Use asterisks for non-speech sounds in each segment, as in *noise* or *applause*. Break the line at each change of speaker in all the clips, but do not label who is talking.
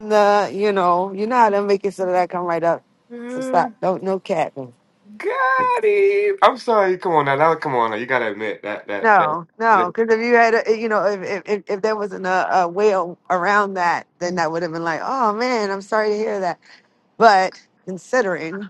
the you know you know how to make it so that I come right up. So
Uh,
stop. Don't no capping.
Got him. I'm sorry. Come on now. That, come on now. You gotta admit that that that.
No, no,
that-
because if you had a, you know if if if if there wasn't a, a way a- around that, then that would have been like, oh man, I'm sorry to hear that. But considering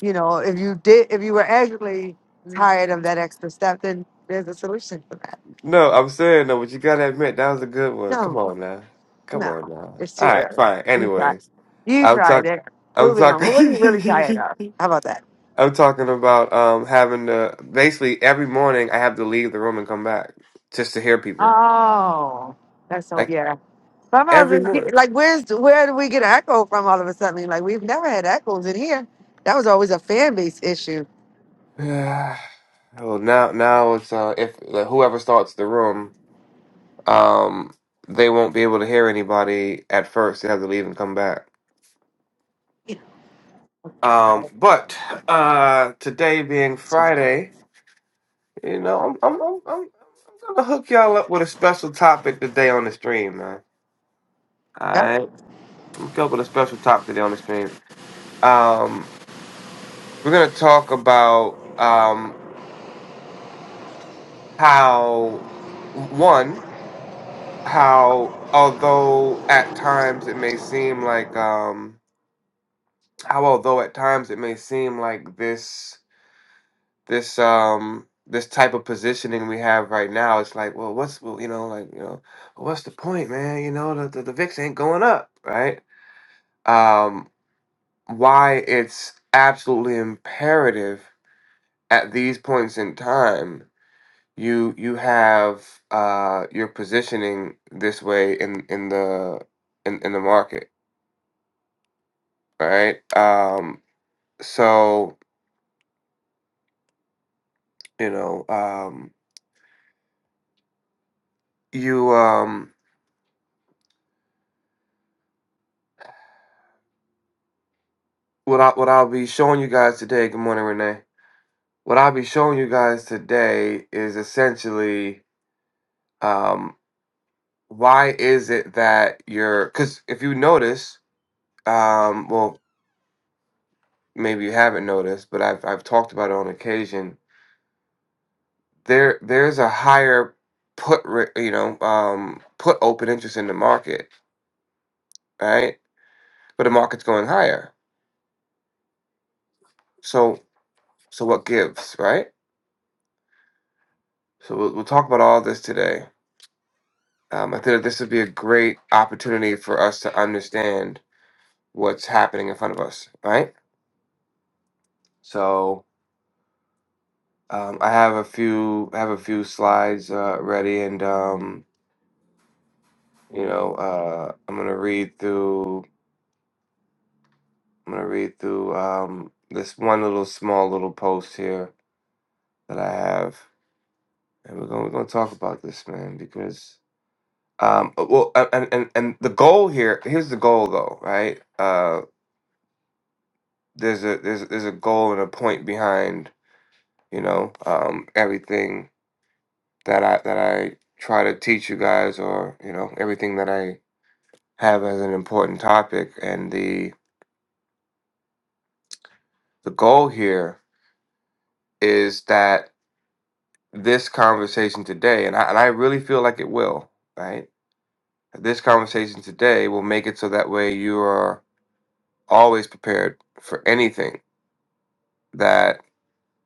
you know if you did if you were actually tired of that extra step, then there's a solution for that.
No, I'm saying no, but you gotta admit that was a good one. Come
No,
on now. Come
no,
on now.
it's
All
too
right,
early.
fine.
You tried.
Anyways,
You
I'm
tried
talking.
it.
I'm
Moving on. What are you really tired
talking.
of? How about that?
*laughs* I'm talking about um having to basically every morning I have to leave the room and come back just to hear people
Oh, that's so
like
yeah. But I'm not
every
really-
morning.
like, where's where do we get an echo from all of a sudden? Like, we've never had echoes in here. That was always a fan base issue.
*sighs* well, now now it's uh if like, whoever starts the room. um, they won't be able to hear anybody at first. They have to leave and come back. Um, but uh, today being Friday, you know, I'm I'm I'm, I'm I'm gonna hook y'all up with a special topic today on the stream, man. All
Yeah.
right, I'm gonna hook up with a special topic today on the stream. Um, we're gonna talk about um how one how although at times it may seem like um how although at times it may seem like this this um this type of positioning we have right now it's like well what's well, you know like you know well, what's the point man you know the, the, the vix ain't going up right um why it's absolutely imperative at these points in time you you have uh your positioning this way in in the in, in the market right um so you know um you um what I what I'll be showing you guys today. Good morning, Renee what I'll be showing you guys today is essentially um, why is it that you're because if you notice, um, well, maybe you haven't noticed, but I've I've talked about it on occasion. There there's a higher put ra- you know um, put open interest in the market, right? But the market's going higher, so so what gives, right? So we'll, we'll talk about all this today. Um, I think that this would be a great opportunity for us to understand what's happening in front of us, right? So um, I have a few I have a few slides uh, ready, and um, you know uh, I'm gonna read through I'm gonna read through um, this one little small little post here that I have, and we're gonna we're gonna talk about this man because um, uh, well uh, and, and and the goal here here's the goal though right uh, there's a there's a- there's a goal and a point behind you know um, everything that I that I try to teach you guys, or you know, everything that I have as an important topic. And the the goal here is that this conversation today, and I and I really feel like it will, right? This conversation today will make it so that way you are always prepared for anything that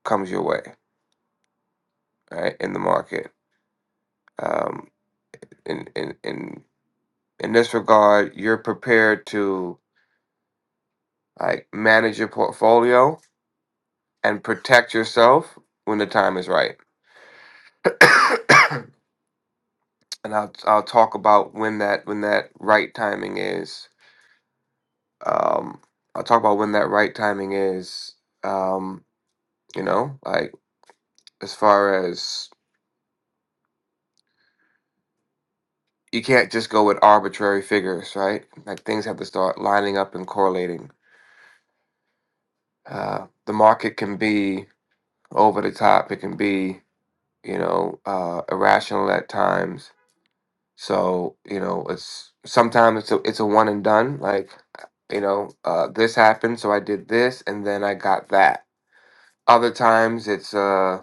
comes your way, right? In the market, um, in in in in this regard, you're prepared to like manage your portfolio and protect yourself when the time is right. *coughs* and I'll I'll talk about when that when that right timing is. Um, I'll talk about when that right timing is. Um, you know, like as far as you can't just go with arbitrary figures, right? Like things have to start lining up and correlating. Uh, the market can be over the top. It can be you know uh, irrational at times So you know, it's sometimes it's a it's a one and done. Like you know, uh, this happened, so I did this, and then I got that. Other times it's uh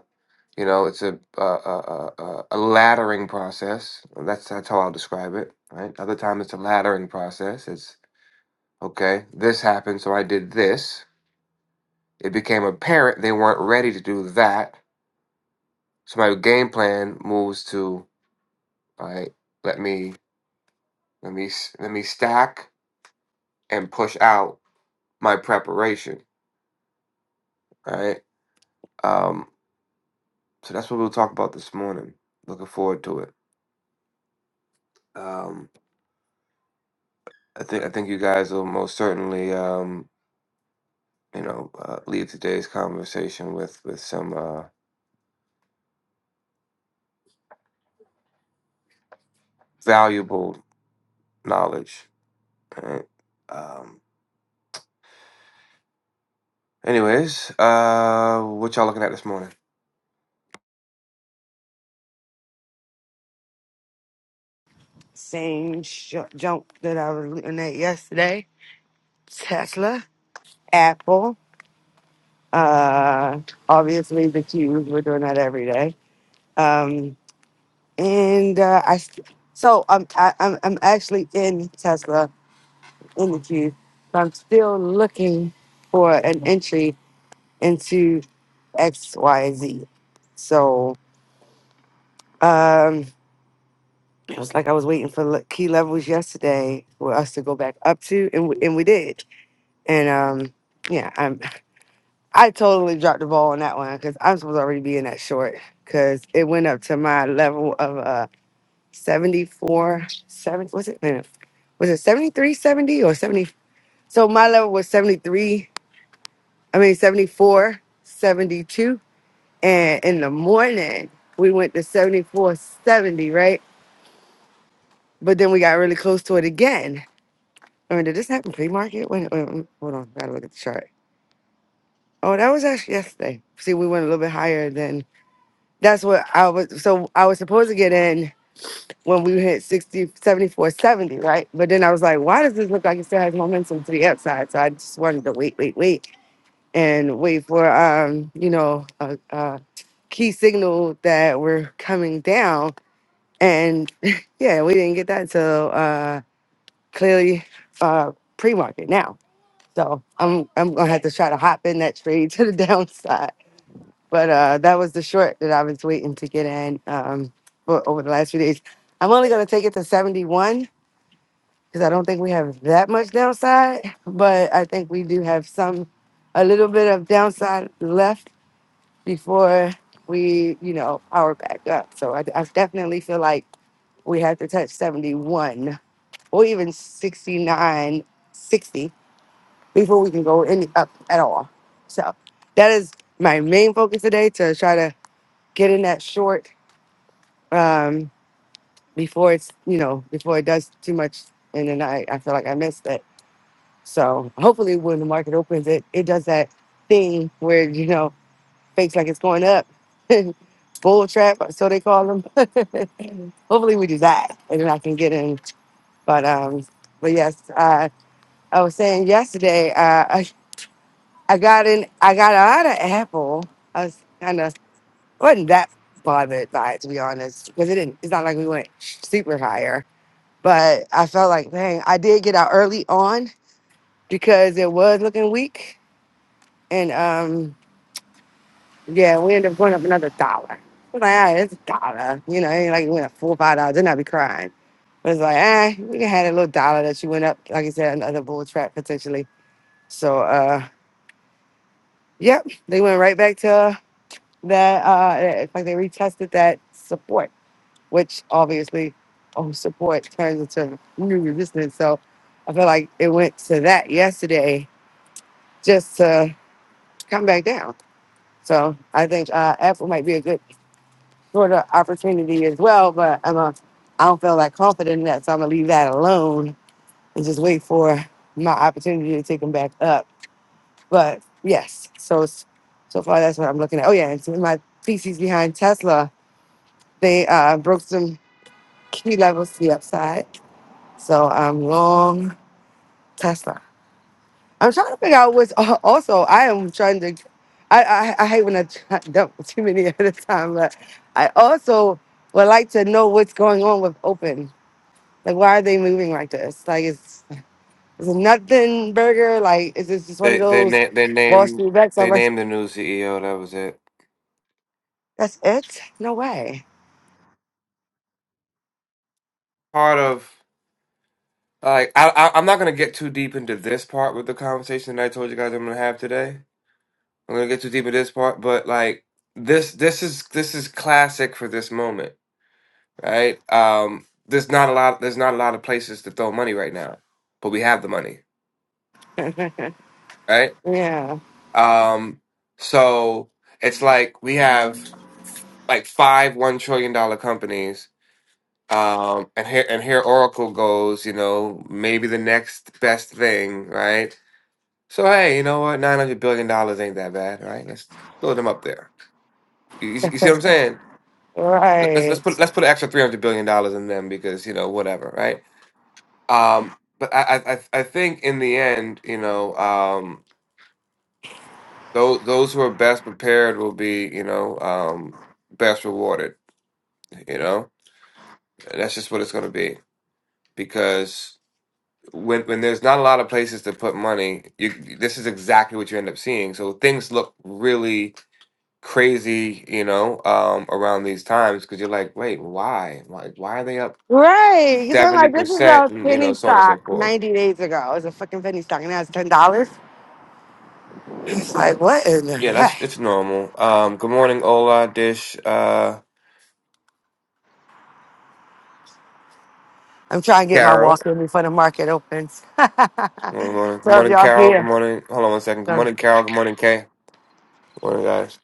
you know it's a a, a, a, a laddering process. That's that's how I'll describe it. Right. Other time it's a laddering process. It's okay. This happened, so I did this. It became apparent they weren't ready to do that, so my game plan moves to all right. Let me let me s- let me stack and push out my preparation, right? Um, so that's what we'll talk about this morning. Looking forward to it. Um, I think I think you guys will most certainly, um, you know, uh, leave today's conversation with with some uh, valuable knowledge. Right? Um, anyways, uh, what y'all looking at this morning?
Same sh- junk that I was looking at yesterday. Tesla, Apple. Uh, obviously the Qs. We're doing that every day. Um, and uh, I, s- so I'm I, I'm I'm actually in Tesla interview, but I'm still looking for an entry into X, Y, and Z. So um, it was like I was waiting for le- key levels yesterday for us to go back up to, and we, and we did. And um, yeah, I'm, I totally dropped the ball on that one because I'm supposed to already be in that short because it went up to my level of uh, seventy-four, seventy. 70, was it? Wait a minute. Was it 73, 70, or 70? So my level was 73 I mean, 74, 72, And in the morning, we went to 74, 70. right? But then we got really close to it again. I mean, did this happen pre market? Wait, wait, wait, hold on. Gotta look at the chart. Oh, that was actually yesterday. See, we went a little bit higher than that's what I was. So I was supposed to get in when we hit 60, 74, 70. right? But then I was like, why does this look like it still has momentum to the upside? So I just wanted to wait, wait, wait. and wait for um, you know, a, a key signal that we're coming down. And *laughs* yeah, we didn't get that until uh clearly uh pre-market now. So I'm I'm gonna have to try to hop in that trade *laughs* to the downside. But uh that was the short that I was waiting to get in um for over the last few days. I'm only gonna take it to 71 because I don't think we have that much downside, but I think we do have some a little bit of downside left before we, you know, power back up. So I, I definitely feel like we have to touch 71 or even 69, 60 before we can go any up at all. So that is my main focus today to try to get in that short um, before it's, you know, before it does too much. And then I, I feel like I missed it. So hopefully when the market opens, it, it does that thing where, you know, fakes like it's going up. *laughs* Bull trap, or so they call them. *laughs* Hopefully we do that, and then I can get in. But um, but yes, uh, I was saying yesterday, uh, I I got in, I got out of Apple. I was kind of wasn't that bothered by it to be honest, because it didn't. It's not like we went super higher, but I felt like, dang, I did get out early on because it was looking weak, and um. Yeah, we ended up going up another dollar. I was like, ah, it's a dollar. You know, it ain't like it went up four or five dollars. Then I'd be crying. But it's like, ah, we can have that little dollar that you went up, like I said, another bull trap potentially. So uh yep, they went right back to that uh it's like they retested that support, which obviously oh support turns into new resistance. So I feel like it went to that yesterday just to come back down. So I think uh Apple might be a good sort of opportunity as well. But I'm a, I don't feel like confident in that, so I'm gonna leave that alone and just wait for my opportunity to take them back up. But yes, so it's- so far that's what I'm looking at. Oh yeah, and so my thesis behind Tesla, they uh, broke some key levels to the upside, so I'm long Tesla. I'm trying to figure out what's al- also. I am trying to. I, I, I hate when I try- *laughs* dump too many *laughs* at a time, but I also would like to know what's going on with open. Like, why are they moving like this? Like, it's, it's a nothing burger. Like, is this just one of
They they
those
na- they
Wall
named
Street bets? I'm
they
like,
named the new CEO. That was it.
that's it? No way.
Part of like I, I I'm not gonna get too deep into this part with the conversation that I told you guys I'm gonna have today I'm gonna get too deep in this part, but like this this is this is classic for this moment, right? Um there's not a lot there's not a lot of places to throw money right now, but we have the money, right?
Yeah.
Um so it's like we have like five one trillion dollar companies. Um and here and here Oracle goes, you know, maybe the next best thing, right? So hey, you know what? Nine hundred billion dollars ain't that bad, right? Let's throw them up there. You, you
*laughs*
see what I'm saying? let's
right.
let's put let's put an extra three hundred billion dollars in them because you know whatever, right? Um, but I I I I think in the end, you know, um, those those who are best prepared will be you know um, best rewarded. You know, And that's just what it's going to be because when when there's not a lot of places to put money, you this is exactly what you end up seeing. So things look really crazy you know um around these times because you're like wait why why why are they up
Right. Because I'm
seventy
like this is a
percent, and you
penny
know, so on and so
stock
forth.
90 days ago. It's a fucking penny stock. And now it's $10. It's like, what in the
Yeah, that's
heck?
it's normal. Um, good morning, Ola, Dish, uh,
I'm trying to get my walk
Carol.
in before the market opens. *laughs*
Good morning, good
so if
morning,
y'all
Carol. Good
here.
morning. Hold on one second. Good morning, Carol. Good morning, Kay. Good morning, guys.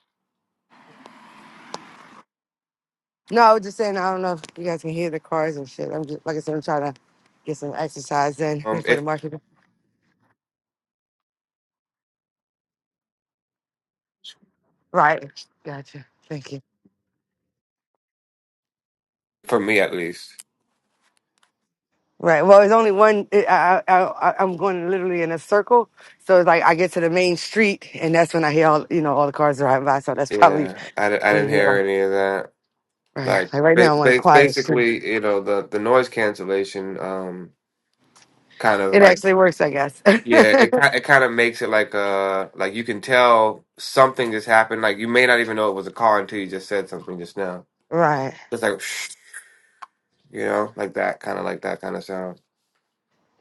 No, I was just saying, I don't know if you guys can hear the cars and shit. I'm just, like I said, I'm trying to get some exercise in
Um,
before the
it
market. Right. Gotcha. Thank you.
for me at least.
Right. Well, it's only one. It, I, I, I, I'm going literally in a circle. So it's like I get to the main street and that's when I hear all, you know, all the cars driving by. So that's probably
Yeah, I, di- I
when
didn't
you hear
hear
like,
any of that.
right.
Like,
Like right
ba-
now I'm on a
ba-
quiet street.
basically, you know, the the noise cancellation, um, kind of
It
like.
actually works, I guess.
Yeah, it
*laughs*
ki- it kind of makes it like uh like you can tell something just happened. Like you may not even know it was a car until you just said something just now.
right.
just like *sniffs* you know, like that kind of like that kind of sound.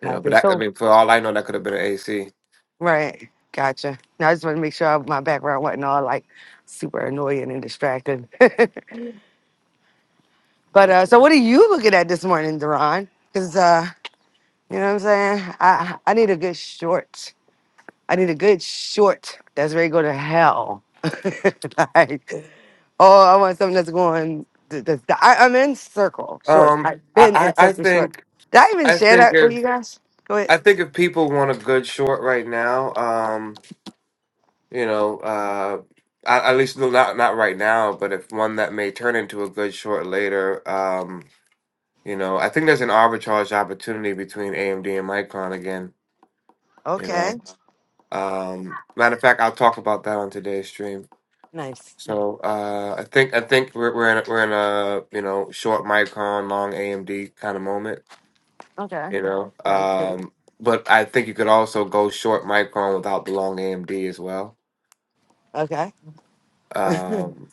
You know, but
Copy.
that, I
So,
mean, for all I know, that could have been an AC.
right. Gotcha. Now I just want to make sure my background wasn't all like super annoying and distracting. *laughs* But uh, so, what are you looking at this morning, Deron? Because uh, you know what I'm saying. I I need a good short. I need a good short that's ready to go to hell. *laughs* like, oh, I want something that's going. th- th- th- I, I'm in circle shorts.
Um,
I've been
I,
in
I I
circle shorts.
think
Did I even
I
share
think
that with
if
you guys? Go ahead.
I think if people want a good short right now, um, you know, uh, at, at least no, not not right now, but if one that may turn into a good short later, um, you know, I think there's an arbitrage opportunity between AMD and Micron again. You
Okay.
know, um, matter of fact, I'll talk about that on today's stream.
Nice.
So uh, I think I think we're we're in a, we're in a you know short Micron, long AMD kind of moment,
Okay.
you know.
Sounds good.
Um, but I think you could also go short Micron without the long AMD as well.
Okay.
Um,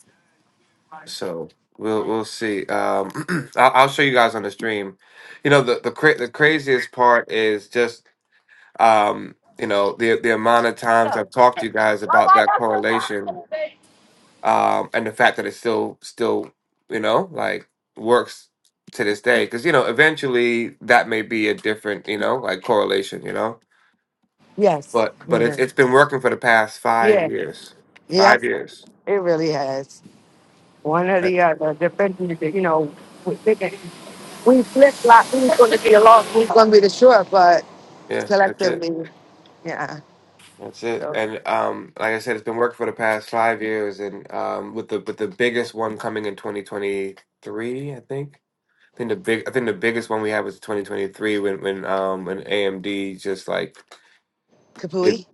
so we'll we'll see. Um, *clears throat* I'll, I'll show you guys on the stream. You know the the cra- the craziest part is just um, you know the the amount of times I've talked to you guys about that correlation um, and the fact that it still still you know like works to this day because you know eventually that may be a different you know like correlation you know
Yes.
but but it's
Mhm.
it's been working for the past five
Yeah.
years
Yep.
five years
It really has. one or
right?
the other, depending, if, you know, we picking, we flip flop, who's gonna be the long, who's gonna be the short, but
yeah that's it
collectively, yeah,
that's it
so.
and um like I said it's been working for the past five years and um with the with the biggest one coming in 2023 I think. I think the big, I think the biggest one we had was 2023 when when um when AMD just like
Kapui?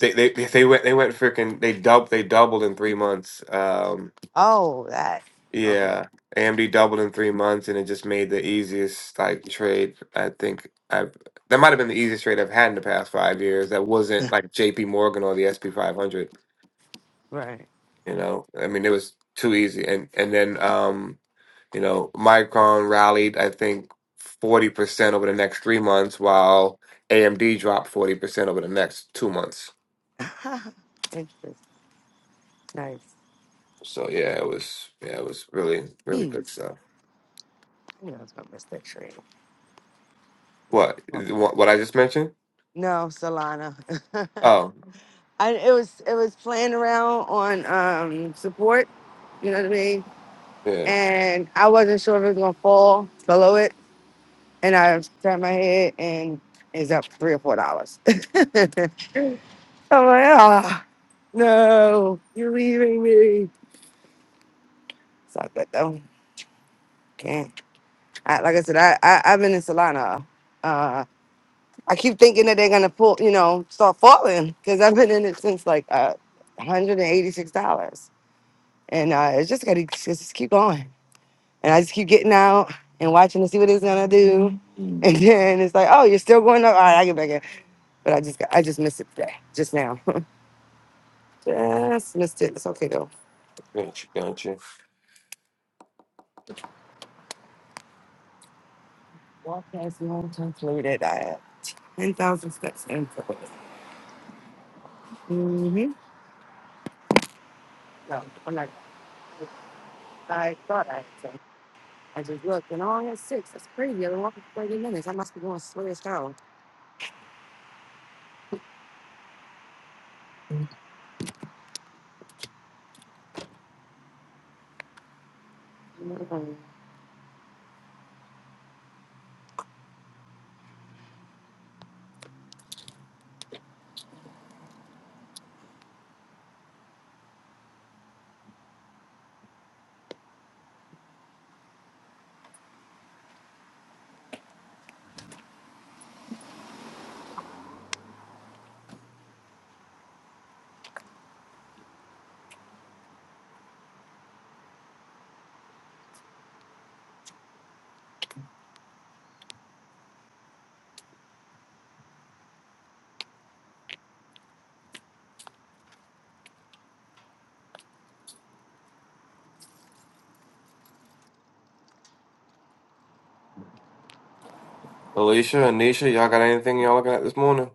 They they they they went they went freaking they doubled they doubled in three months. Um,
Oh, that, okay,
yeah, AMD doubled in three months, and it just made the easiest like trade I think I've that might have been the easiest trade I've had in the past five years. That wasn't like J.P. Morgan or the S P 500.
right.
You know, I mean, it was too easy. And and then um, you know, Micron rallied I think forty percent over the next three months, while AMD dropped forty percent over the next two months.
*laughs* Interesting, nice.
So yeah, it was yeah, it was really really good
Jeez,
stuff.
I knew I was gonna miss that train.
What
Oh,
what what I just mentioned?
No, Solana. *laughs*
Oh
I, it was, it was playing around on, um, support, you know what I mean?
yeah,
And I wasn't sure if it was gonna fall below it, And I turned my head and it's up three or four dollars. *laughs* I'm like, ah, no, you're leaving me. It's all good though. Can't. I, like I said, I, I I've been in Solana. Uh, I keep thinking that they're gonna pull, you know, start falling because I've been in it since like uh, 186 dollars, and uh, it's just gotta it's just keep going. And I just keep getting out and watching to see what it's gonna do, and then it's like, oh, you're still going up. All right, I get back in. But I just got, I just missed it today, just now. *laughs* just missed it. It's okay though.
gotcha, gotcha.
Walk past the long time fluted. I had 10,000 steps in for it. Mm-hmm. No, I'm not. I thought I had 10. I just looked and all I had six. That's crazy. I've been walking for 30 minutes. I must be going slow as hell. Mm.
Alicia, Anisha, y'all got anything y'all looking at this morning?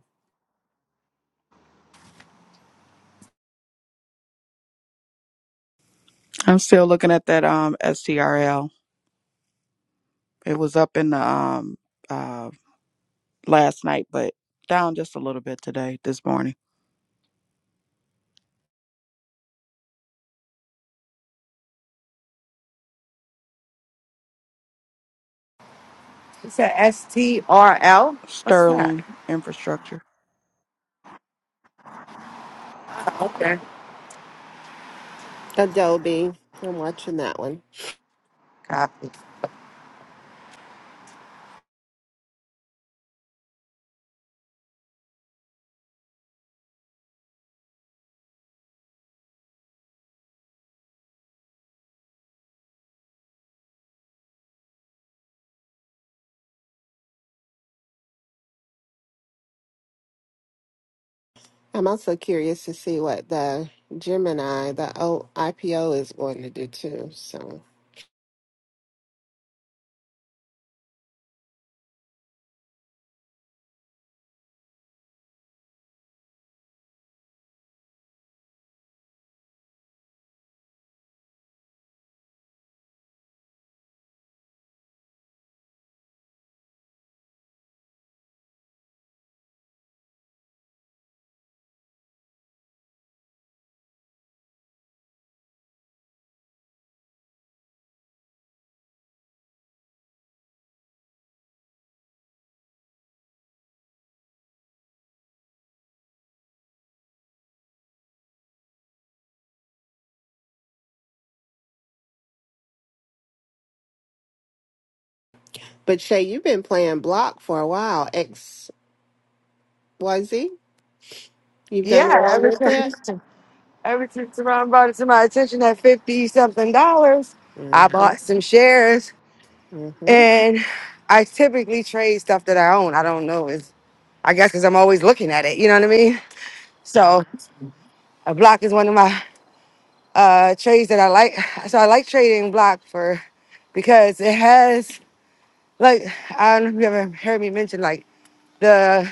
I'm still looking at that um STRL. It was up in the um uh last night, but down just a little bit today, this morning.
It's a S T R L. What's that?
Sterling infrastructure.
Okay.
Adobe. I'm watching that one.
Copy.
I'm also curious to see what the Gemini, the o- IPO, is going to do too. So, but Shay, you've been playing block for a while. X Y Z. You've done
Yeah,
well
every
with it.
time, *laughs* every time Ron brought it to my attention at fifty something dollars, I
Mm-hmm.
bought some shares.
Mm-hmm.
And I typically trade stuff that I own. I don't know. It's, I guess because I'm always looking at it. You know what I mean? So a block is one of my uh, trades that I like. So I like trading block for because it has like I don't know if you ever heard me mention like the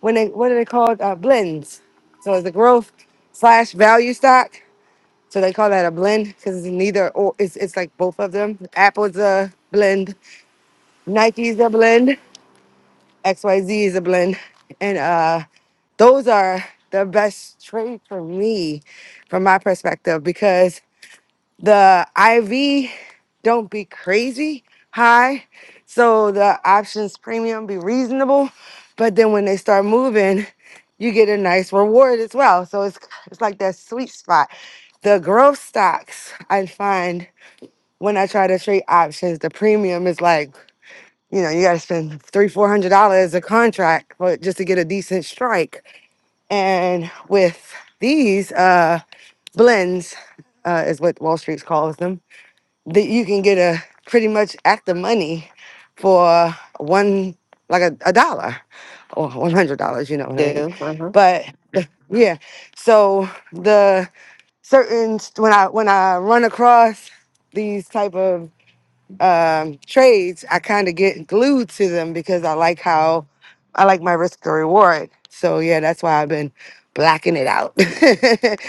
when they what are they called uh, blends. So it's a growth slash value stock. So they call that a blend because it's neither or it's it's like both of them. Apple's a blend, Nike's a blend. XYZ is a blend. And uh, those are the best trade for me, from my perspective, because the IV don't be crazy high. So the options premium be reasonable. But then when they start moving, you get a nice reward as well. So it's it's like that sweet spot. The growth stocks I find when I try to trade options, the premium is like you know, you got to spend three, four hundred dollars a contract for just to get a decent strike. And with these uh, blends, uh, is what Wall Street calls them, that you can get a pretty much at the money for one like a, a dollar or one hundred dollars. You know what I mean?
Do. Uh-huh.
But yeah, so the certain when I when I run across these type of um, trades, I kind of get glued to them because I like how I like my risk to reward. So yeah, that's why I've been blacking it out.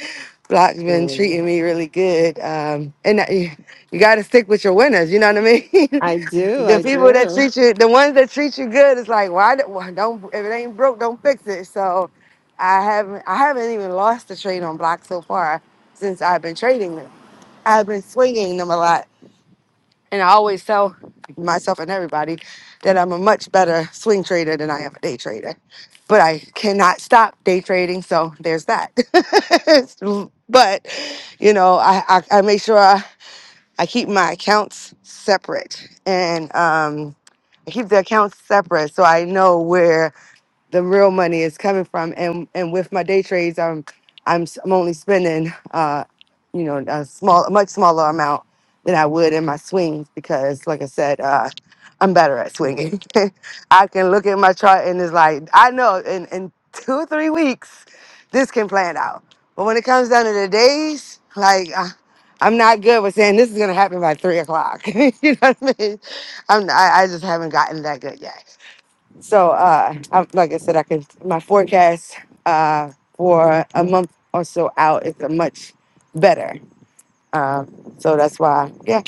*laughs* Block's been treating
Mm.
me really good, um, and that- you, you got to stick with your winners. You know what I mean? *laughs*
I do.
the
I
people that
do.
treat you, the ones that treat you good, it's like why, do why don't if it ain't broke, don't fix it. So I haven't I haven't even lost a trade on Block so far since I've been trading them. I've been swinging them a lot and I always tell myself and everybody that I'm a much better swing trader than I am a day trader. But I cannot stop day trading, so there's that. *laughs* but you know, I, I, I make sure I, I keep my accounts separate and um, I keep the accounts separate so I know where the real money is coming from. And and with my day trades, I'm I'm s- I'm only spending uh you know a small a much smaller amount than I would in my swings because like I said uh I'm better at swinging. *laughs* I can look at my chart and it's like I know in in two or three weeks this can plan out. But when it comes down to the days, like I, I'm not good with saying this is gonna happen by three o'clock. *laughs* you know what I mean? I'm I, I just haven't gotten that good yet. So, uh, I, like I said, I can my forecast uh, for a month or so out is a much better. Um, so that's why, yeah,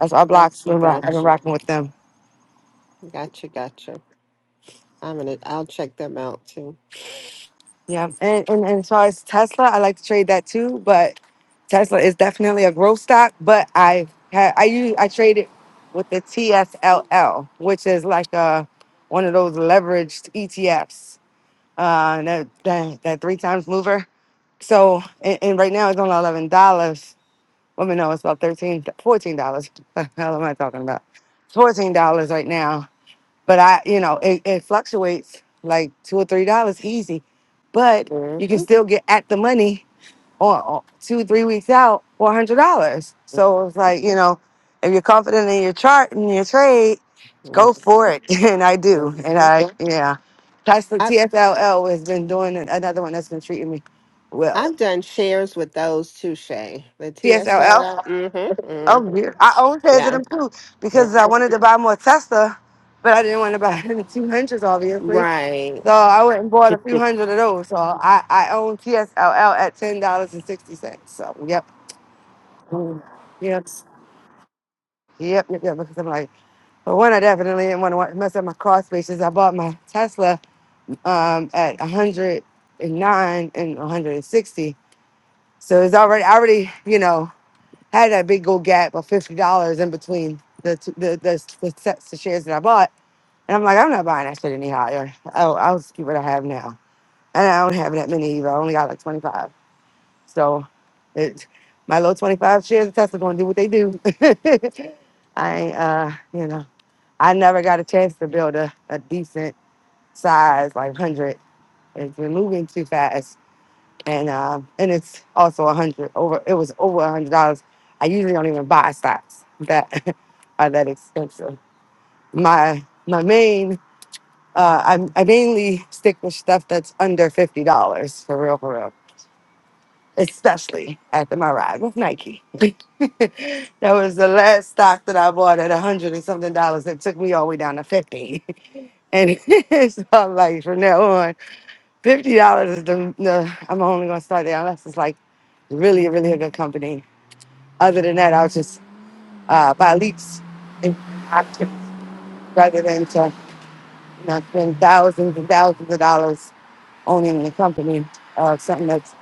that's why blocks
Gotcha.
been rock, I've been
Gotcha.
rocking with them.
Gotcha. Gotcha. I'm gonna. I'll check them out too.
Yeah, and, and and as far as Tesla, I like to trade that too, but Tesla is definitely a growth stock. But I had I use I trade it with the TSLL, which is like uh one of those leveraged ETFs. Uh, that, that that three times mover. So, and, and right now it's only eleven dollars. Well, no, it's about thirteen, fourteen dollars. *laughs* What the hell am I talking about? It's fourteen dollars right now. But I, you know, it, it fluctuates like two or three dollars easy, but you can
Mm-hmm.
still get at the money or, or two, three weeks out for a hundred dollars. So it's
Mm-hmm.
like you know, if you're confident in your chart and your trade, go for it.
Mm-hmm.
*laughs* And I do, and
Mm-hmm.
I yeah. That's the TFLL has been doing it. another one that's been treating me well.
I've done shares with those too, Shay. The
CSLL.
TSLL. Mm-hmm.
Oh,
Mm-hmm.
yeah. I own shares of
Yeah.
them too because I
Mm-hmm.
wanted to buy more Tesla, but I didn't want to buy *laughs* any 200s, obviously.
Right.
So I went and bought a few hundred of those. So I, I own TSLL at $10.60. So, yep. Mm. Yep. Yep, yep, yep. Because I'm like, but one, I definitely didn't want to mess up my car spaces. I bought my Tesla um, at 109 and 160. So it's already, I already, you know, had that big old gap of fifty dollars in between the, two, the the the sets of shares that I bought, and I'm like, I'm not buying that shit any higher. I'll, I'll just keep what I have now, and I don't have that many either. I only got like twenty five, so it my little twenty five shares of Tesla gonna do what they do. *laughs* I ain't, uh you know I never got a chance to build a, a decent size like hundred. It's been moving too fast, and uh, and it's also a hundred over. It was over a hundred dollars. I usually don't even buy stocks that *laughs* are that expensive. My my main uh, I, I mainly stick with stuff that's under fifty dollars for real for real. Especially after my ride with Nike. *laughs* that was the last stock that I bought at a hundred and something dollars. It took me all the way down to fifty, *laughs* and *laughs* it's all like from now on. Fifty dollars is the, the I'm only gonna start there unless it's like really, really a good company. Other than that, I'll just uh, buy leaks in option rather than to you know spend thousands and thousands of dollars owning a company or something that's.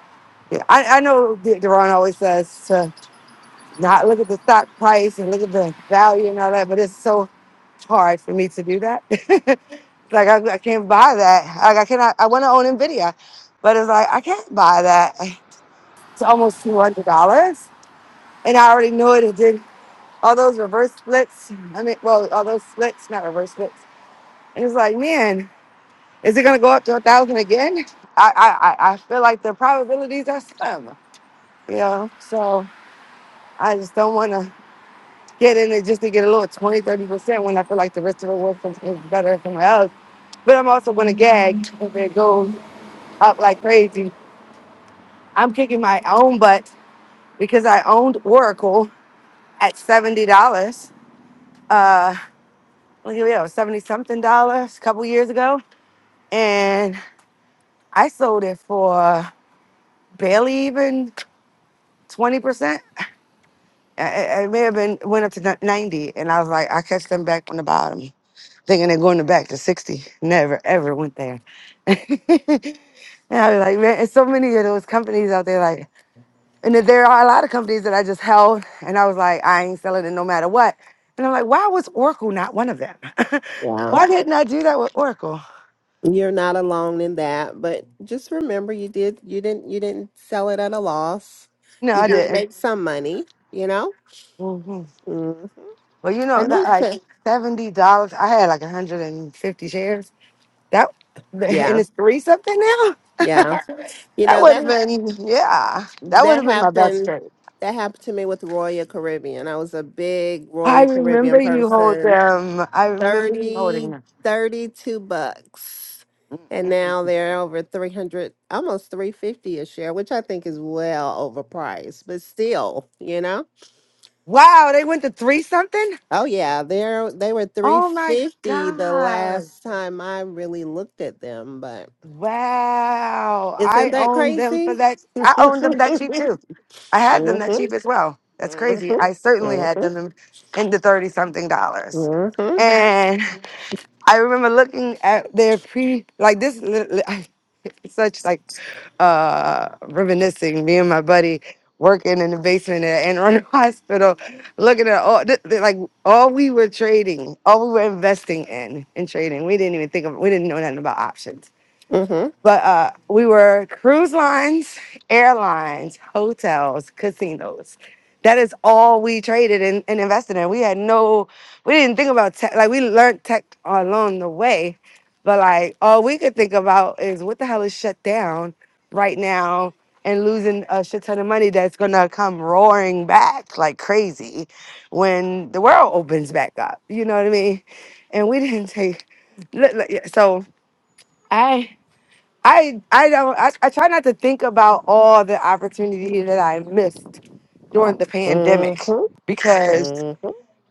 Yeah, I, I know D- Deron always says to not look at the stock price and look at the value and all that, but it's so hard for me to do that. *laughs* like I, I can't buy that. Like I cannot. I want to own Nvidia, but it's like I can't buy that. It's almost two hundred dollars, and I already knew it. It did all those reverse splits. I mean, well, all those splits, not reverse splits. And it's like, man, is it gonna go up to a thousand again? I, I, I I feel like the probabilities are slim, you know. So I just don't want to get in it just to get a little 20, 30 percent when I feel like the rest of the work is better somewhere else. But I'm also gonna gag if it goes up like crazy. I'm kicking my own butt because I owned Oracle at seventy dollars uh, well, here we are, 70 something dollars a couple years ago. And I sold it for barely even 20%. It may have been went up to ni- 90. And I was like, I catch them back on the bottom, thinking they're going to back to 60. Never, ever went there. *laughs* and I was like, man, and so many of those companies out there, like, and then there are a lot of companies that I just held. And I was like, I ain't selling it no matter what. And I'm like, why was Oracle not one of them? *laughs*
Yeah.
why didn't I do that with Oracle?
You're not alone in that, but just remember you did you didn't you didn't sell it at a loss.
No,
You
I
did No.
didn't.
make some money, you know?
hmm
Mm-hmm.
Well, you know that like
Anisha.
seventy dollars. I had like one hundred and fifty shares. That *laughs* and
Yeah.
it's three something now. *laughs*
Yeah. You
that
know
would have
that ha-
been yeah. That would
that
have been my best
happened
trade.
that happened to me with Royal Caribbean. I was a big
I
Royal
remember
Caribbean
you hold
person.
them. I remember you holding
30,
them.
32 bucks. And
Mm-mm.
now they're over 300, almost 350 a share, which I think is well overpriced, but still, you know?
Wow, they went to three something.
Oh yeah, they're they were
Oh my
350 the
god.
last time I really looked at them, but
Wow.
isn't
I
that
owned them for
crazy?
that. I
*laughs*
owned them that cheap too. I had them
Mhm,
that cheap as well. That's
mhm,
crazy.
mhm,
I certainly had
mhm,
them in the 30 something dollars.
mhm,
And I remember looking at their pre, like this, li- li- *laughs* it's such like uh reminiscing. Me and my buddy working in the basement at Anne Arundel *laughs* Hospital, looking at all, th- th- like all we were trading, all we were investing in and trading. We didn't even think of, we didn't know nothing about options but uh, we were cruise lines, airlines, hotels, casinos. That is all we traded and, and invested in. We had no, we didn't think about tech. Like we learned tech along the way, but like all we could think about is what the hell is shut down right now and losing a shit ton of money that's gonna come roaring back like crazy when the world opens back up. You know what I mean? And we didn't take. look, look, yeah, So I I I don't I, I try not to think about all the opportunity that I missed during the
mhm,
pandemic
mhm,
because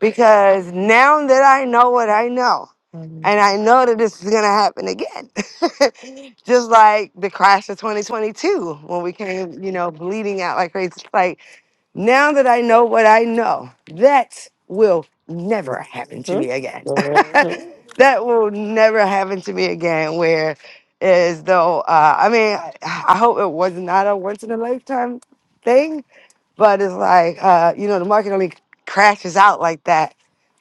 because now that I know what I know
mhm,
and I know that this is gonna happen again. *laughs* Just like the crash of 2022 when we came, you know, bleeding out like crazy. Like now that I know what I know, that will never happen to
mhm,
me again. *laughs*
mhm.
that will never happen to me again. Where as though uh, I mean, I I hope it was not a once in a lifetime thing, but it's like uh, you know, the market only crashes out like that,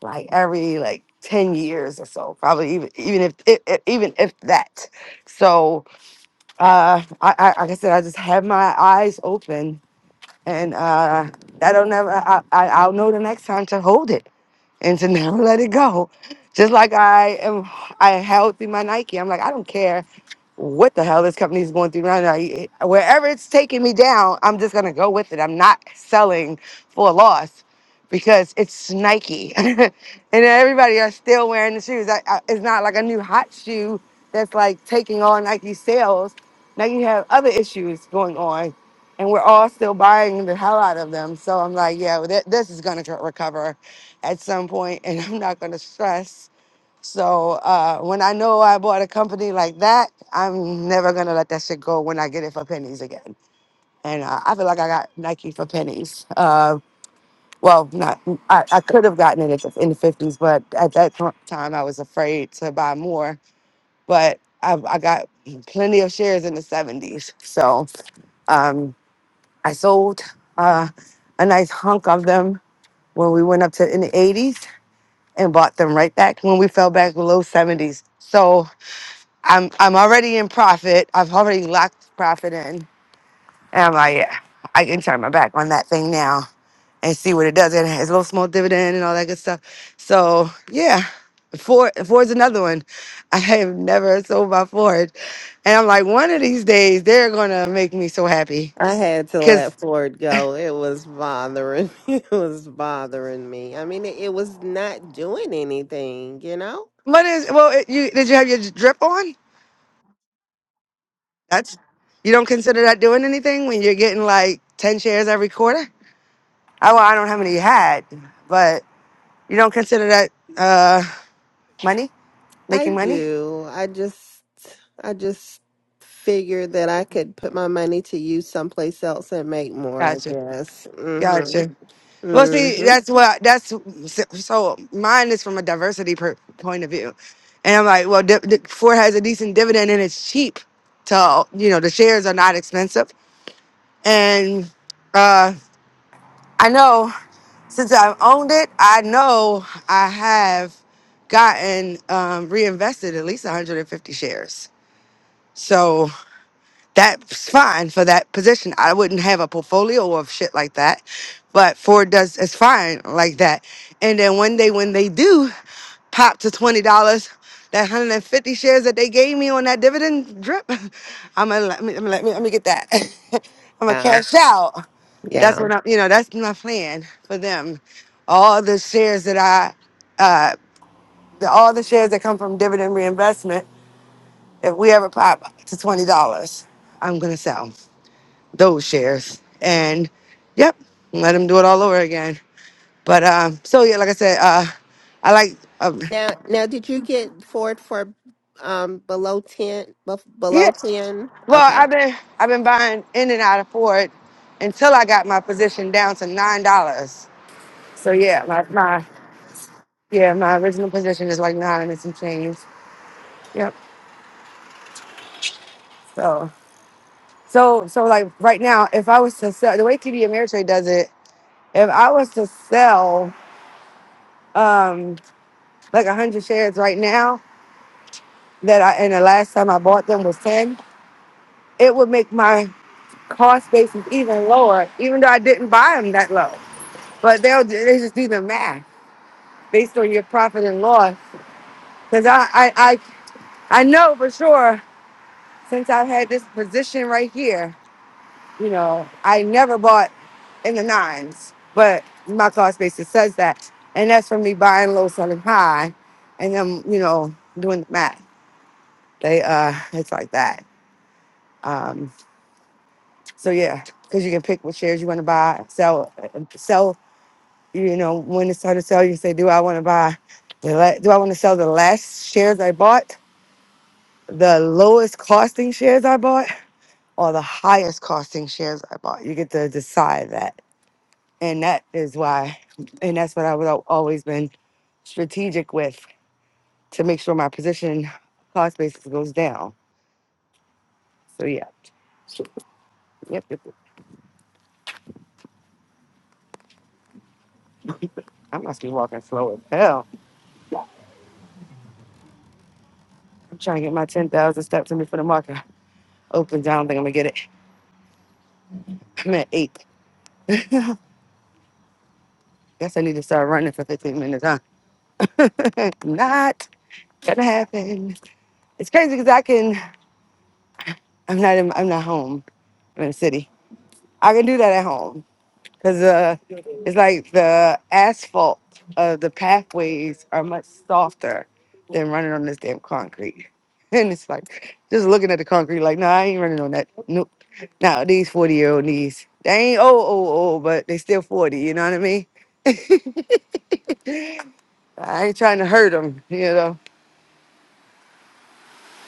like every like ten years or so, probably even even if, if, if even if that. So uh, I, I like I said, I just have my eyes open and uh, I don't never. I, I I'll know the next time to hold it and to *laughs* never let it go. Just like I am, I held through my Nike. I'm like, I don't care what the hell this company is going through right now. It- Wherever it's taking me down, I'm just gonna go with it. I'm not selling for a loss because it's Nike, *laughs* and everybody are still wearing the shoes. I, I, it's not like a new hot shoe that's like taking all Nike sales. Now you have other issues going on, and we're all still buying the hell out of them. So I'm like, yeah, well, th- this is gonna co- recover at some point, and *laughs* I'm not gonna stress. So uh, when I know I bought a company like that, I'm never gonna let that shit go when I get it for pennies again. And uh, I feel like I got Nike for pennies. Uh, well, not I, I could have gotten it at the, in the fifties, but at that t- time I was afraid to buy more. But I, I got plenty of shares in the seventies, so um, I sold uh, a nice hunk of them when we went up to in the eighties and bought them right back when we fell back below seventies. So I'm I'm already in profit. I've already locked profit in. And I'm like, yeah, I can turn my back on that thing now and see what it does. It has a little small dividend and all that good stuff. So yeah. Ford Ford's another one. *laughs* I have never sold my Ford. And I'm like, one of these days they're gonna make me so happy.
I had to
Cause
let Ford go. It was bothering *laughs* it was bothering me. I mean, it, it was not doing anything, you know?
what is well it, you did you have your drip on? That's you don't consider that doing anything when you're getting like 10 shares every quarter? I well, I don't know how many you had, but You don't consider that uh money?
I
Making money?
do. I just I just figured that I could put my money to use someplace else and make more, I
Gotcha.
guess. Mhm.
Gotcha. Well, see,
Mhm.
that's what that's so mine is from a diversity per, point of view. And I'm like, well, di- di- Ford has a decent dividend and it's cheap to, you know, the shares are not expensive. And uh, I know since I've owned it, I know I have gotten um, reinvested at least 150 shares. So that's fine for that position. I wouldn't have a portfolio of shit like that, but Ford does it's fine like that. And then one day when they do pop to twenty dollars, that hundred and fifty shares that they gave me on that dividend drip, *laughs* I'm gonna let me, let me let me let me get that. *laughs* I'm gonna
Yeah.
cash out. That's
Yeah.
what I'm. You know, that's my plan for them. All the shares that I, uh, the, all the shares that come from dividend reinvestment, if we ever pop to twenty dollars, I'm gonna sell those shares. And yep, let them do it all over again. But um, so yeah, like I said, uh, I like um,
Now now did you get Ford for um below 10 bef-
yeah.
below 10?
Well,
Okay.
I've been I've been buying in and out of Ford until I got my position down to nine dollars. So yeah, my my yeah my original position is like nine and some change. Yep. So so so like right now, if I was to sell the way TD Ameritrade does it, if I was to sell um like hundred shares right now, that I and the last time I bought them was ten, it would make my cost basis even lower, even though I didn't buy them that low. But they'll they just do the math based on your profit and loss. Because I, I I I know for sure since I've had this position right here, you know, I never bought in the nines, but my cost basis says that, and that's from me buying low, selling high, and then you know doing the math. They uh, it's like that. Um. So yeah, because you can pick what shares you want to buy, sell, sell. You know when it's time to sell, you say, "Do I want to buy? The la- do I want to sell the last shares I bought, the lowest costing shares I bought, or the highest costing shares I bought?" You get to decide that, and that is why, and that's what I would al- always been strategic with to make sure my position cost basis goes down. So yeah, yep, yep. yep. I must be walking slow as hell. I'm trying to get my ten thousand steps in before the market. opens. I don't think I'm gonna get it. *laughs* I'm at eight. *laughs* Guess I need to start running for 15 minutes, huh? *laughs* not gonna happen. It's crazy because I can. I'm not. In, I'm not home. I'm in the city. I can do that at home because uh, it's like the asphalt of the pathways are much softer than running on this damn concrete. *laughs* And it's like just looking at the concrete, like, no, nah, I ain't running on that. Nope. Now these 40 year old knees, they ain't old, old, old, but they still 40. You know what I mean? *laughs* I ain't trying to hurt them, you know.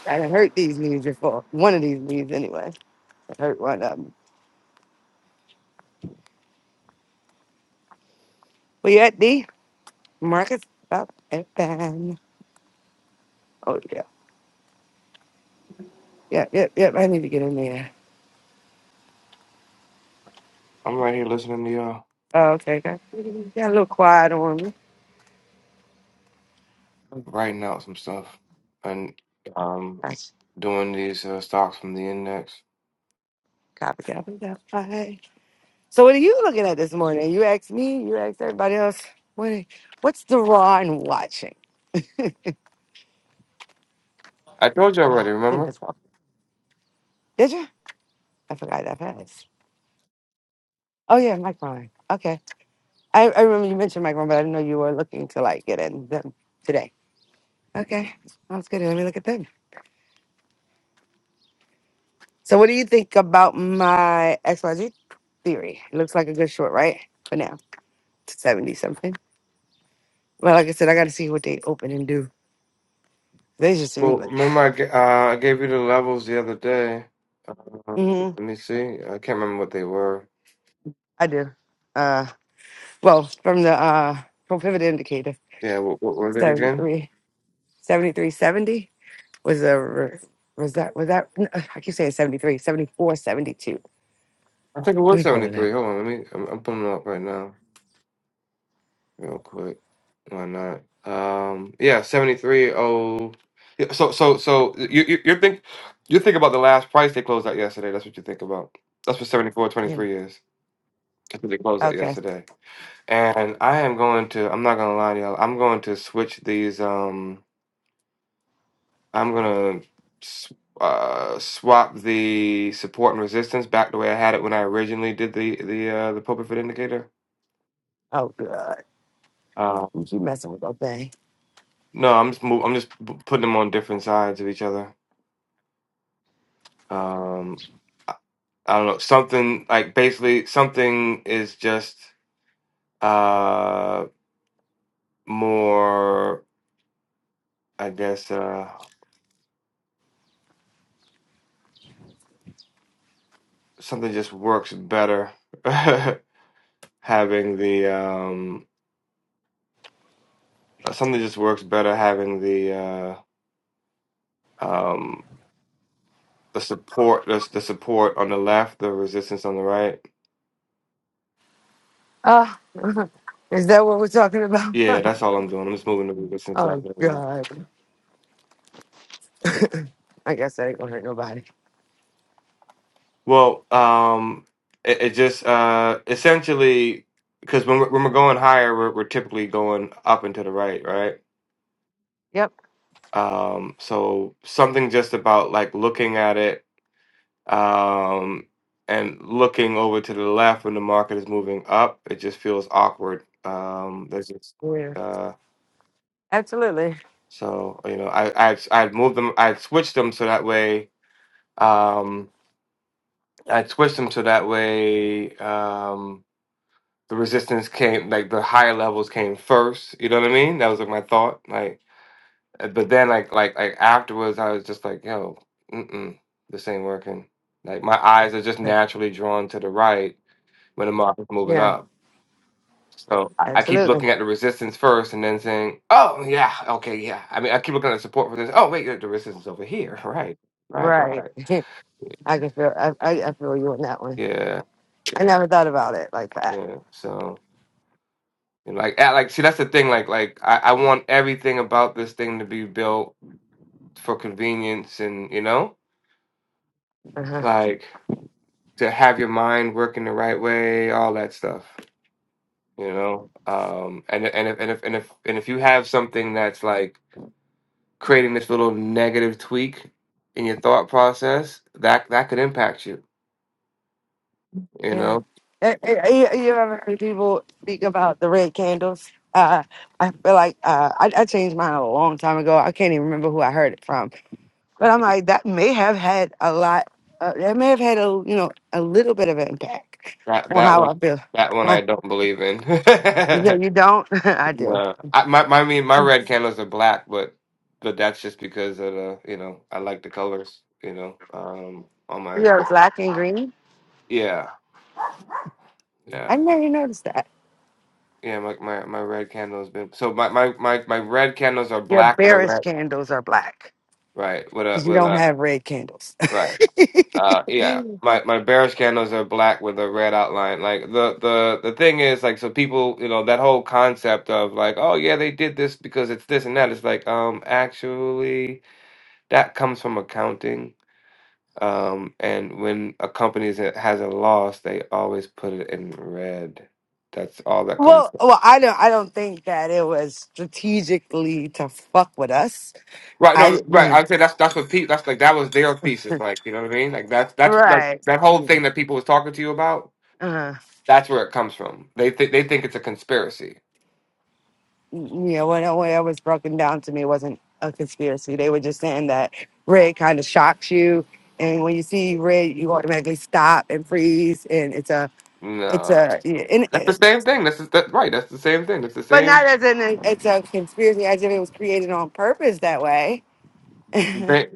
I done hurt these knees before. One of these knees, anyway. I hurt one of them. We at the Marcus Stop FM. Oh, yeah. Yep, yep, yep. I need to get in there.
I'm right here listening to y'all,
Oh, okay. Got, got a little quiet on me. Oh,
writing out some stuff, and um,
Gosh.
doing these uh, stocks from the index.
Copy, copy, copy. So, what are you looking at this morning? You asked me, you asked everybody else. What, what's the Ron watching?
I told you already.
Oh,
Remember?
goodness. Did you? I forgot that fast. Oh, yeah, Mike Ron. I, I remember you mentioned Micron, but I didn't know you were looking to like get in them today. Okay, sounds good. Let me look at them. So, what do you think about my XYZ theory? It looks like a good short, right? For now, 70 something. Well, like I said, I got to see what they open and do. They just
Well,
seem like,
remember I, ga- uh, I gave you the levels the other day.
*laughs*
Um,
hmm
let me see. I can't remember what they were.
I do. Uh, well, from the uh, from pivot indicator,
Yeah, what, what were they again?
73, seventy-three, seventy was a, re- was that, was that, n- I keep saying 73, 74, 72.
I think it was
Let
73. Hold on, let me. I'm, I'm putting them up right now. real quick. Why not? Um, yeah, seventy three oh. yeah, So so so you you you think you think about the last price they closed out yesterday. That's what you think about. That's what seventy four twenty
me pull it up.
three is. That's what they closed out
Yeah.
yesterday. And I am going to. I'm not gonna lie to y'all. I'm going to switch these. Um, I'm gonna s- uh swap the support and resistance back the way I had it when I originally did the the uh the pulpit fit indicator.
Oh, God.
Um,
You keep messing with that thing.
no, I'm just move, I'm just p- putting them on different sides of each other. Um, I, I don't know. Something like basically something is just uh more. I guess uh something just works better *laughs* having the um uh, something just works better having the uh um the support the the support on the left, the resistance on the right.
Ah, is that what we're talking about?
Yeah, that's
*laughs*
all I'm doing. I'm just moving the resistance back
oh,
over.
God. I guess that ain't going to hurt nobody.
Well, um, it, it just uh, essentially because when we're, when we're going higher, we're, we're typically going up and to the right, right?
Yep.
Um, so something just about like looking at it um, and looking over to the left when the market is moving up, it just feels awkward. Um, there's just
Yeah.
uh,
Absolutely.
so you know, I I I'd moved them, I'd switched them so that way. Um, I'd switched them so that way. Um, the resistance came like the higher levels came first. You know what I mean? That was like my thought. Like, uh, but then like like like afterwards, I was just like, yo, mm-mm, this ain't working. Like my eyes are just naturally drawn to the right when the market's moving
Yeah.
up. So I I keep
Absolutely.
looking at the resistance first, and then saying, "Oh yeah, okay, yeah." I mean, I keep looking at the support for this. Oh wait, the resistance is over here. *laughs* Right, right,
Right.
right.
*laughs* I can feel, I, I, I feel you on that one.
Yeah,
I never thought about it like that.
yeah. So and like, at, like, see, that's the thing. Like, like I, I want everything about this thing to be built for convenience and you know
Uh-huh.
like to have your mind working the right way all that stuff you know um and and if and if and if, and if you have something that's like creating this little negative tweak in your thought process that that could impact you you
Yeah.
know
Eh, eh, eh, You you ever heard people speak about the red candles? Uh, I feel like uh, I, I changed mine a long time ago. I can't even remember who I heard it from. But I'm like, that may have had a lot, uh, that may have had a, you know, a little bit of an impact
that
on
that
how
one
I feel.
that one
Huh?
I don't believe in *laughs*
You said you don't? *laughs* I do.
no I, my my I mean my red candles are black but but that's just because of the you know I like the colors you know um on my
You're black and green?
yeah yeah
I never noticed that.
Yeah, my, my, my red candle has been so my, my, my, my red candles are
Your
black with a
bearish
red
candles are black
right with a
because you
with
don't
a
have red candles. *laughs*
right uh yeah
well,
my my bearish candles are black with a red outline like the the the thing is like so people you know that whole concept of like oh yeah they did this because it's this and that it's like um actually that comes from accounting um and when a company is, has a loss they always put it in red that's all that comes
well, I don't, I don't think that it was strategically to fuck with us.
Right, no,
I,
right.
*laughs*
I'd say that's that's what people that's like that was their thesis, like you know what I mean. Like that's that's like
right.
that whole
Yeah.
thing that people was talking to you about.
Uh-huh.
That's where it comes from. They th- they think it's a conspiracy.
you know, when when it was broken down to me, it wasn't a conspiracy. They were just saying that red kind of shocks you, and when you see red, you automatically stop and freeze, and it's a, it's
No,
a, and,
that's
and-
the
uh,
same thing. That's the, that, right. That's the same thing. That's the
but not
same.
as in it's a conspiracy, as if it was created on purpose that way. *laughs* Kylie.
They,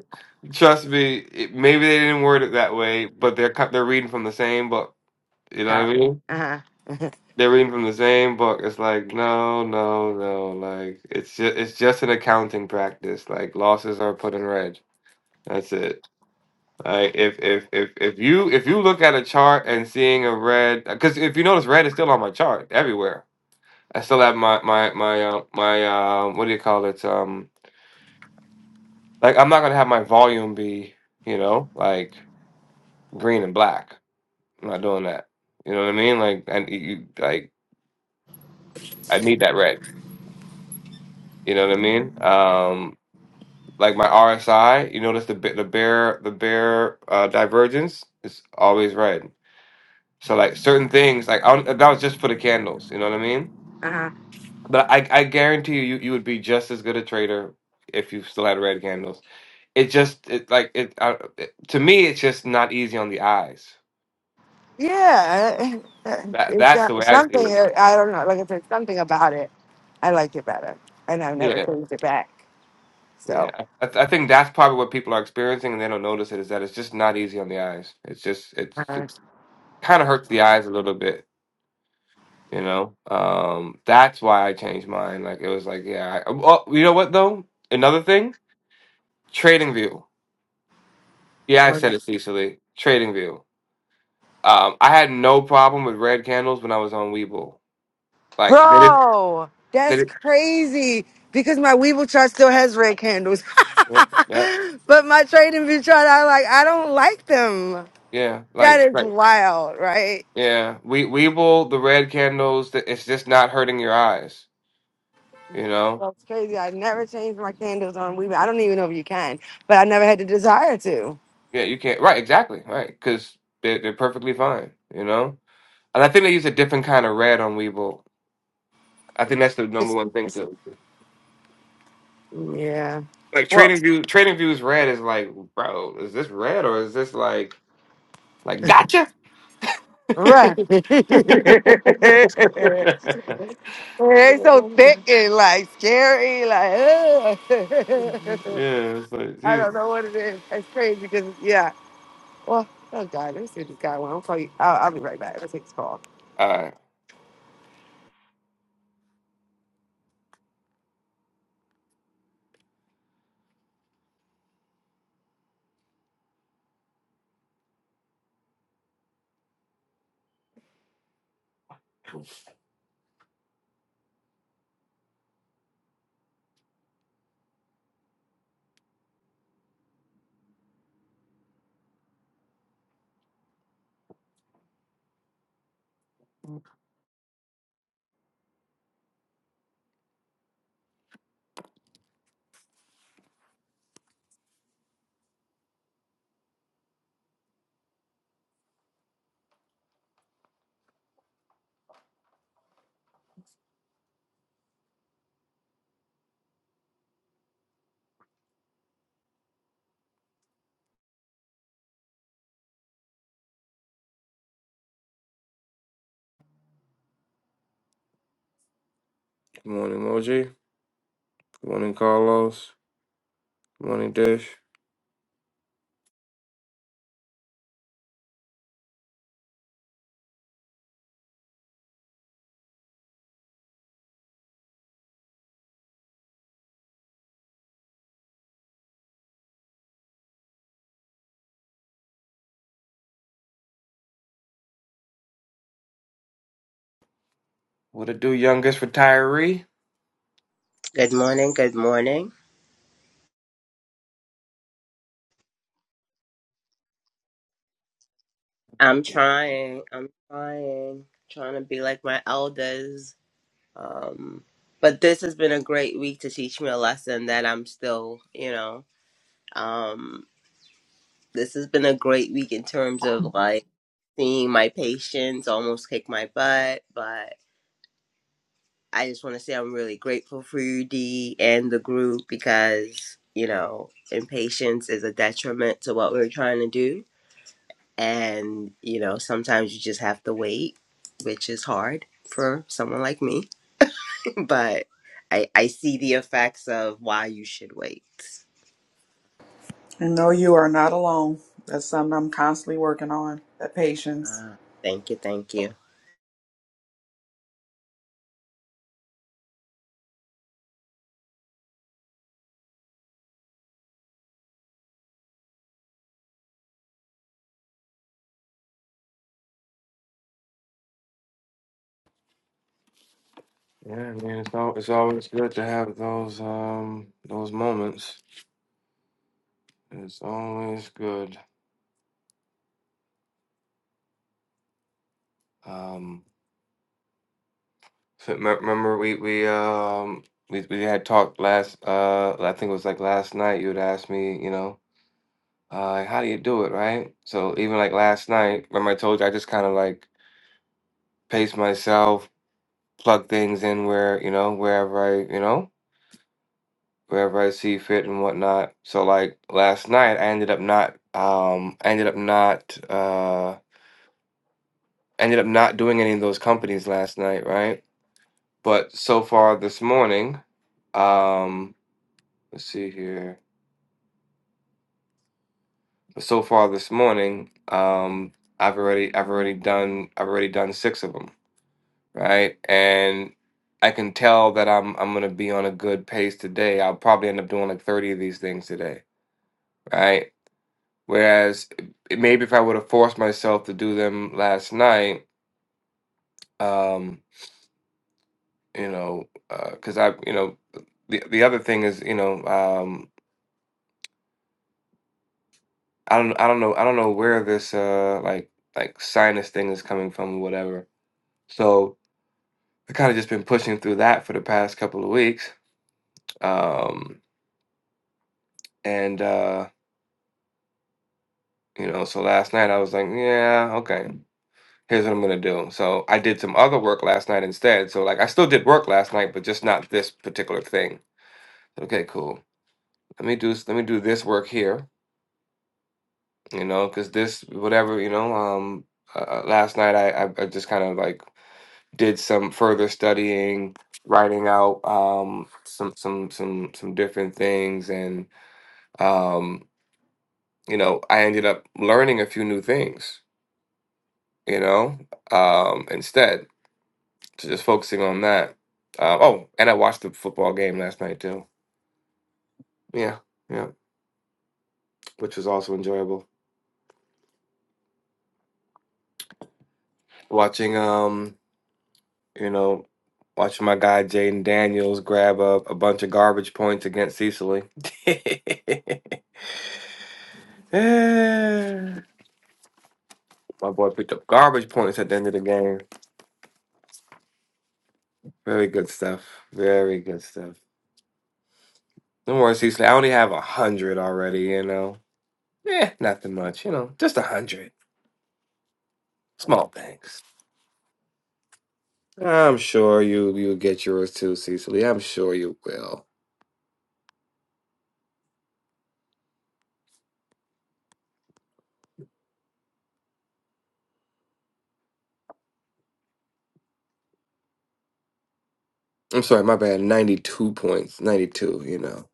trust me. It, maybe they didn't word it that way, but they're cut- they're reading from the same book. You know what I mean?
Uh-huh. Uh-huh.
They're reading from the same book. It's like no, no, no. Like it's just it's just an accounting practice. Like losses are put in red. That's it. Like if if if if you if you look at a chart and seeing a red, because if you notice, red is still on my chart everywhere. I still have my my my uh, my uh, what do you call it? Um, like I'm not gonna have my volume be you know like green and black. I'm not doing that. You know what I mean? Like and you like I need that red. You know what I mean? Um, like my RSI, you notice the bi- the bear the bear uh, divergence is always red So like certain things, like I don't, that was just for the candles. You know what I mean?
uh-huh.
But I, I guarantee you, you, you would be just as good a trader if you still had red candles. It just, it like it, I, it to me, it's just not easy on the eyes.
Yeah, *laughs* uh, uh,
That
it's
that's the
got
way I see
something.
it.
uh, I don't know. Like I said, something about it. I like it better, and I've never
Yeah,
changed it back.
yeah.
So.
I, I think that's probably what people are experiencing, and they don't notice it. Is that it's just not easy on the eyes. It's just it's,
Uh,
it's kind of hurts the eyes a little bit. You know, um, that's why I changed mine. Like it was like, yeah. I, oh, you know what though? Another thing, Trading View. Yeah, I
whatever.
said it Cecily. Trading View. Um, I had no problem with red candles when I was on Weeble. Like they did,
Bro,
they
that's
did,
crazy because my Weeble chart still has red candles.
yeah, yeah,
*laughs* but my trading view chart, I like I don't like them.
yeah.
That
Like,
is
like,
wild, right?
yeah. We Weeble the red candles. th- It's just not hurting your eyes. You know.
That's crazy. I never changed my candles on Weeble. I don't even know if you can, but I never had the desire to.
Yeah, you can't. Right, exactly. Right, because they're they're perfectly fine. You know. And I think they use a different kind of red on Weeble. I think that's the number
It's,
one thing
it's
too.
yeah.
Like
Well,
Trading View, Trading View's red is like, bro, is this red or is this like, like, gotcha? *laughs*
right. *laughs*
yeah,
they so thick and like scary, like *laughs*
it's like
I
geez.
don't know what it is. It's crazy because yeah. Well, oh god, let me see if this guy. Well, I'll call you. I'll, I'll be right back. Let's take this call.
All right. Good morning, Moji. Good morning, Carlos. Good morning, Dish. What it do, youngest retiree?
Good morning, good morning. I'm trying, I'm trying, trying to be like my elders. Um, but this has been a great week to teach me a lesson that I'm still, you know, um, this has been a great week in terms of like seeing my patients almost kick my butt. But I just want to say I'm really grateful for you, D, and the group because, you know, impatience is a detriment to what we're trying to do and you know sometimes you just have to wait which is hard for someone like me *laughs* but i i see the effects of why you should wait
And no, you are not alone. That's something I'm constantly working on. That patience.
uh, thank you thank you
Yeah, man, it's al it's always good to have those um those moments. It's always good. Um, so me- remember we we um we we had talked last uh I think it was like last night. You had asked me, you know. Uh, like, how do you do it, right? So even like last night, remember I told you I just kind of like pace myself, plug things in where, you know, wherever I, you know, wherever I see fit and whatnot. So like last night, I ended up not, um, I ended up not, uh, ended up not doing any of those companies last night, right? But so far this morning, um, let's see here. So far this morning, um, I've already, I've already done, I've already done six of them right? And I can tell that I'm I'm gonna be on a good pace today. I'll probably end up doing like 30 of these things today, right? Whereas it- maybe if I would have forced myself to do them last night, um, you know, because I, you know, the the other thing is, you know, um, I don't I don't know I don't know where this uh like like sinus thing is coming from or whatever. So I kind of just been pushing through that for the past couple of weeks. Um, and uh You know, so last night I was like, yeah, okay, here's what I'm gonna do. So I did some other work last night instead. So like I still did work last night, but just not this particular thing. Okay, cool. Let me do s- let me do this work here, you know, because this whatever, you know, um uh, uh, last night I, I I just kind of like did some further studying, writing out um some some some some different things and um you know, I ended up learning a few new things, you know, um instead. So just focusing on that. Uh, oh, and I watched the football game last night too. Yeah, yeah, which was also enjoyable. Watching, um, you know, watching my guy Jaden Daniels grab a, a bunch of garbage points against Cecily. *laughs* my boy picked up garbage points at the end of the game. Very good stuff. Very good stuff. Don't worry, Cecily. I only have a hundred already. You know, eh, nothing much. You know, just a hundred. Small things. I'm sure you you'll get yours too, Cecily. I'm sure you will. I'm sorry, my bad. 92 points. 92, you know.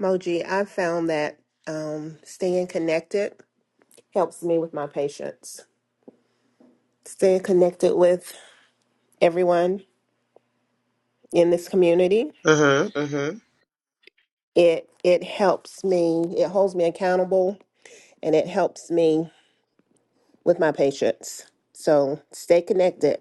Moji, I found that um staying connected helps me with my patients. Staying connected with everyone in this community.
mhm mhm
It it helps me, it holds me accountable and it helps me with my patients. So stay connected.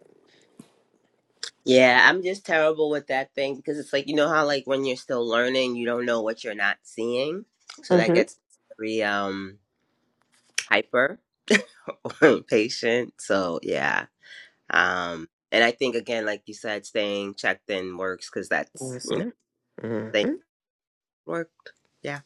yeah i'm just terrible with that thing because it's like you know how like when you're still learning you don't know what you're not seeing so that
hmm
gets very um hyper *laughs* patient so yeah um and i think again like you said staying checked in works because that's you know they
hmm
work Yeah.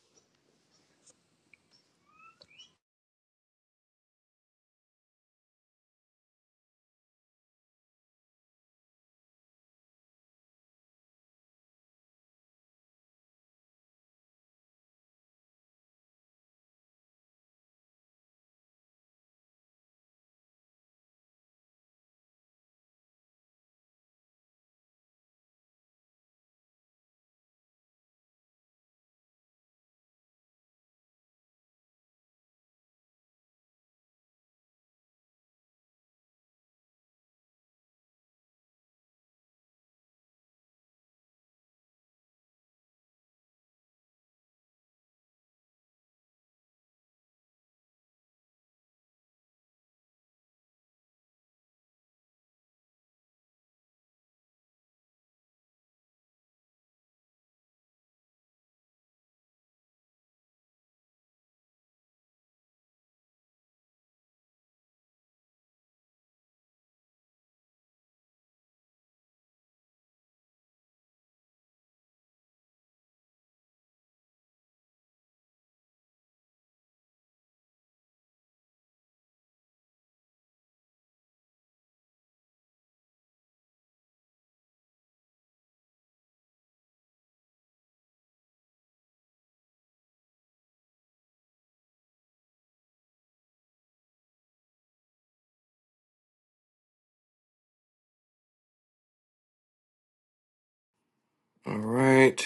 All right.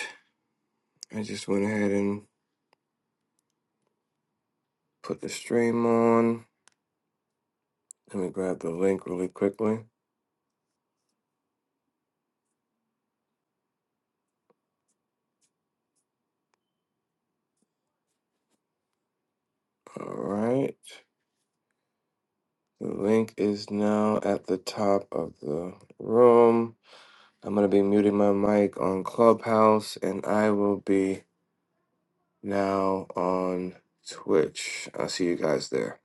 I just went ahead and put the stream on. Let me grab the link really quickly. All right. The link is now at the top of the room. I'm going to be muting my mic on Clubhouse and I will be now on Twitch. I'll see you guys there.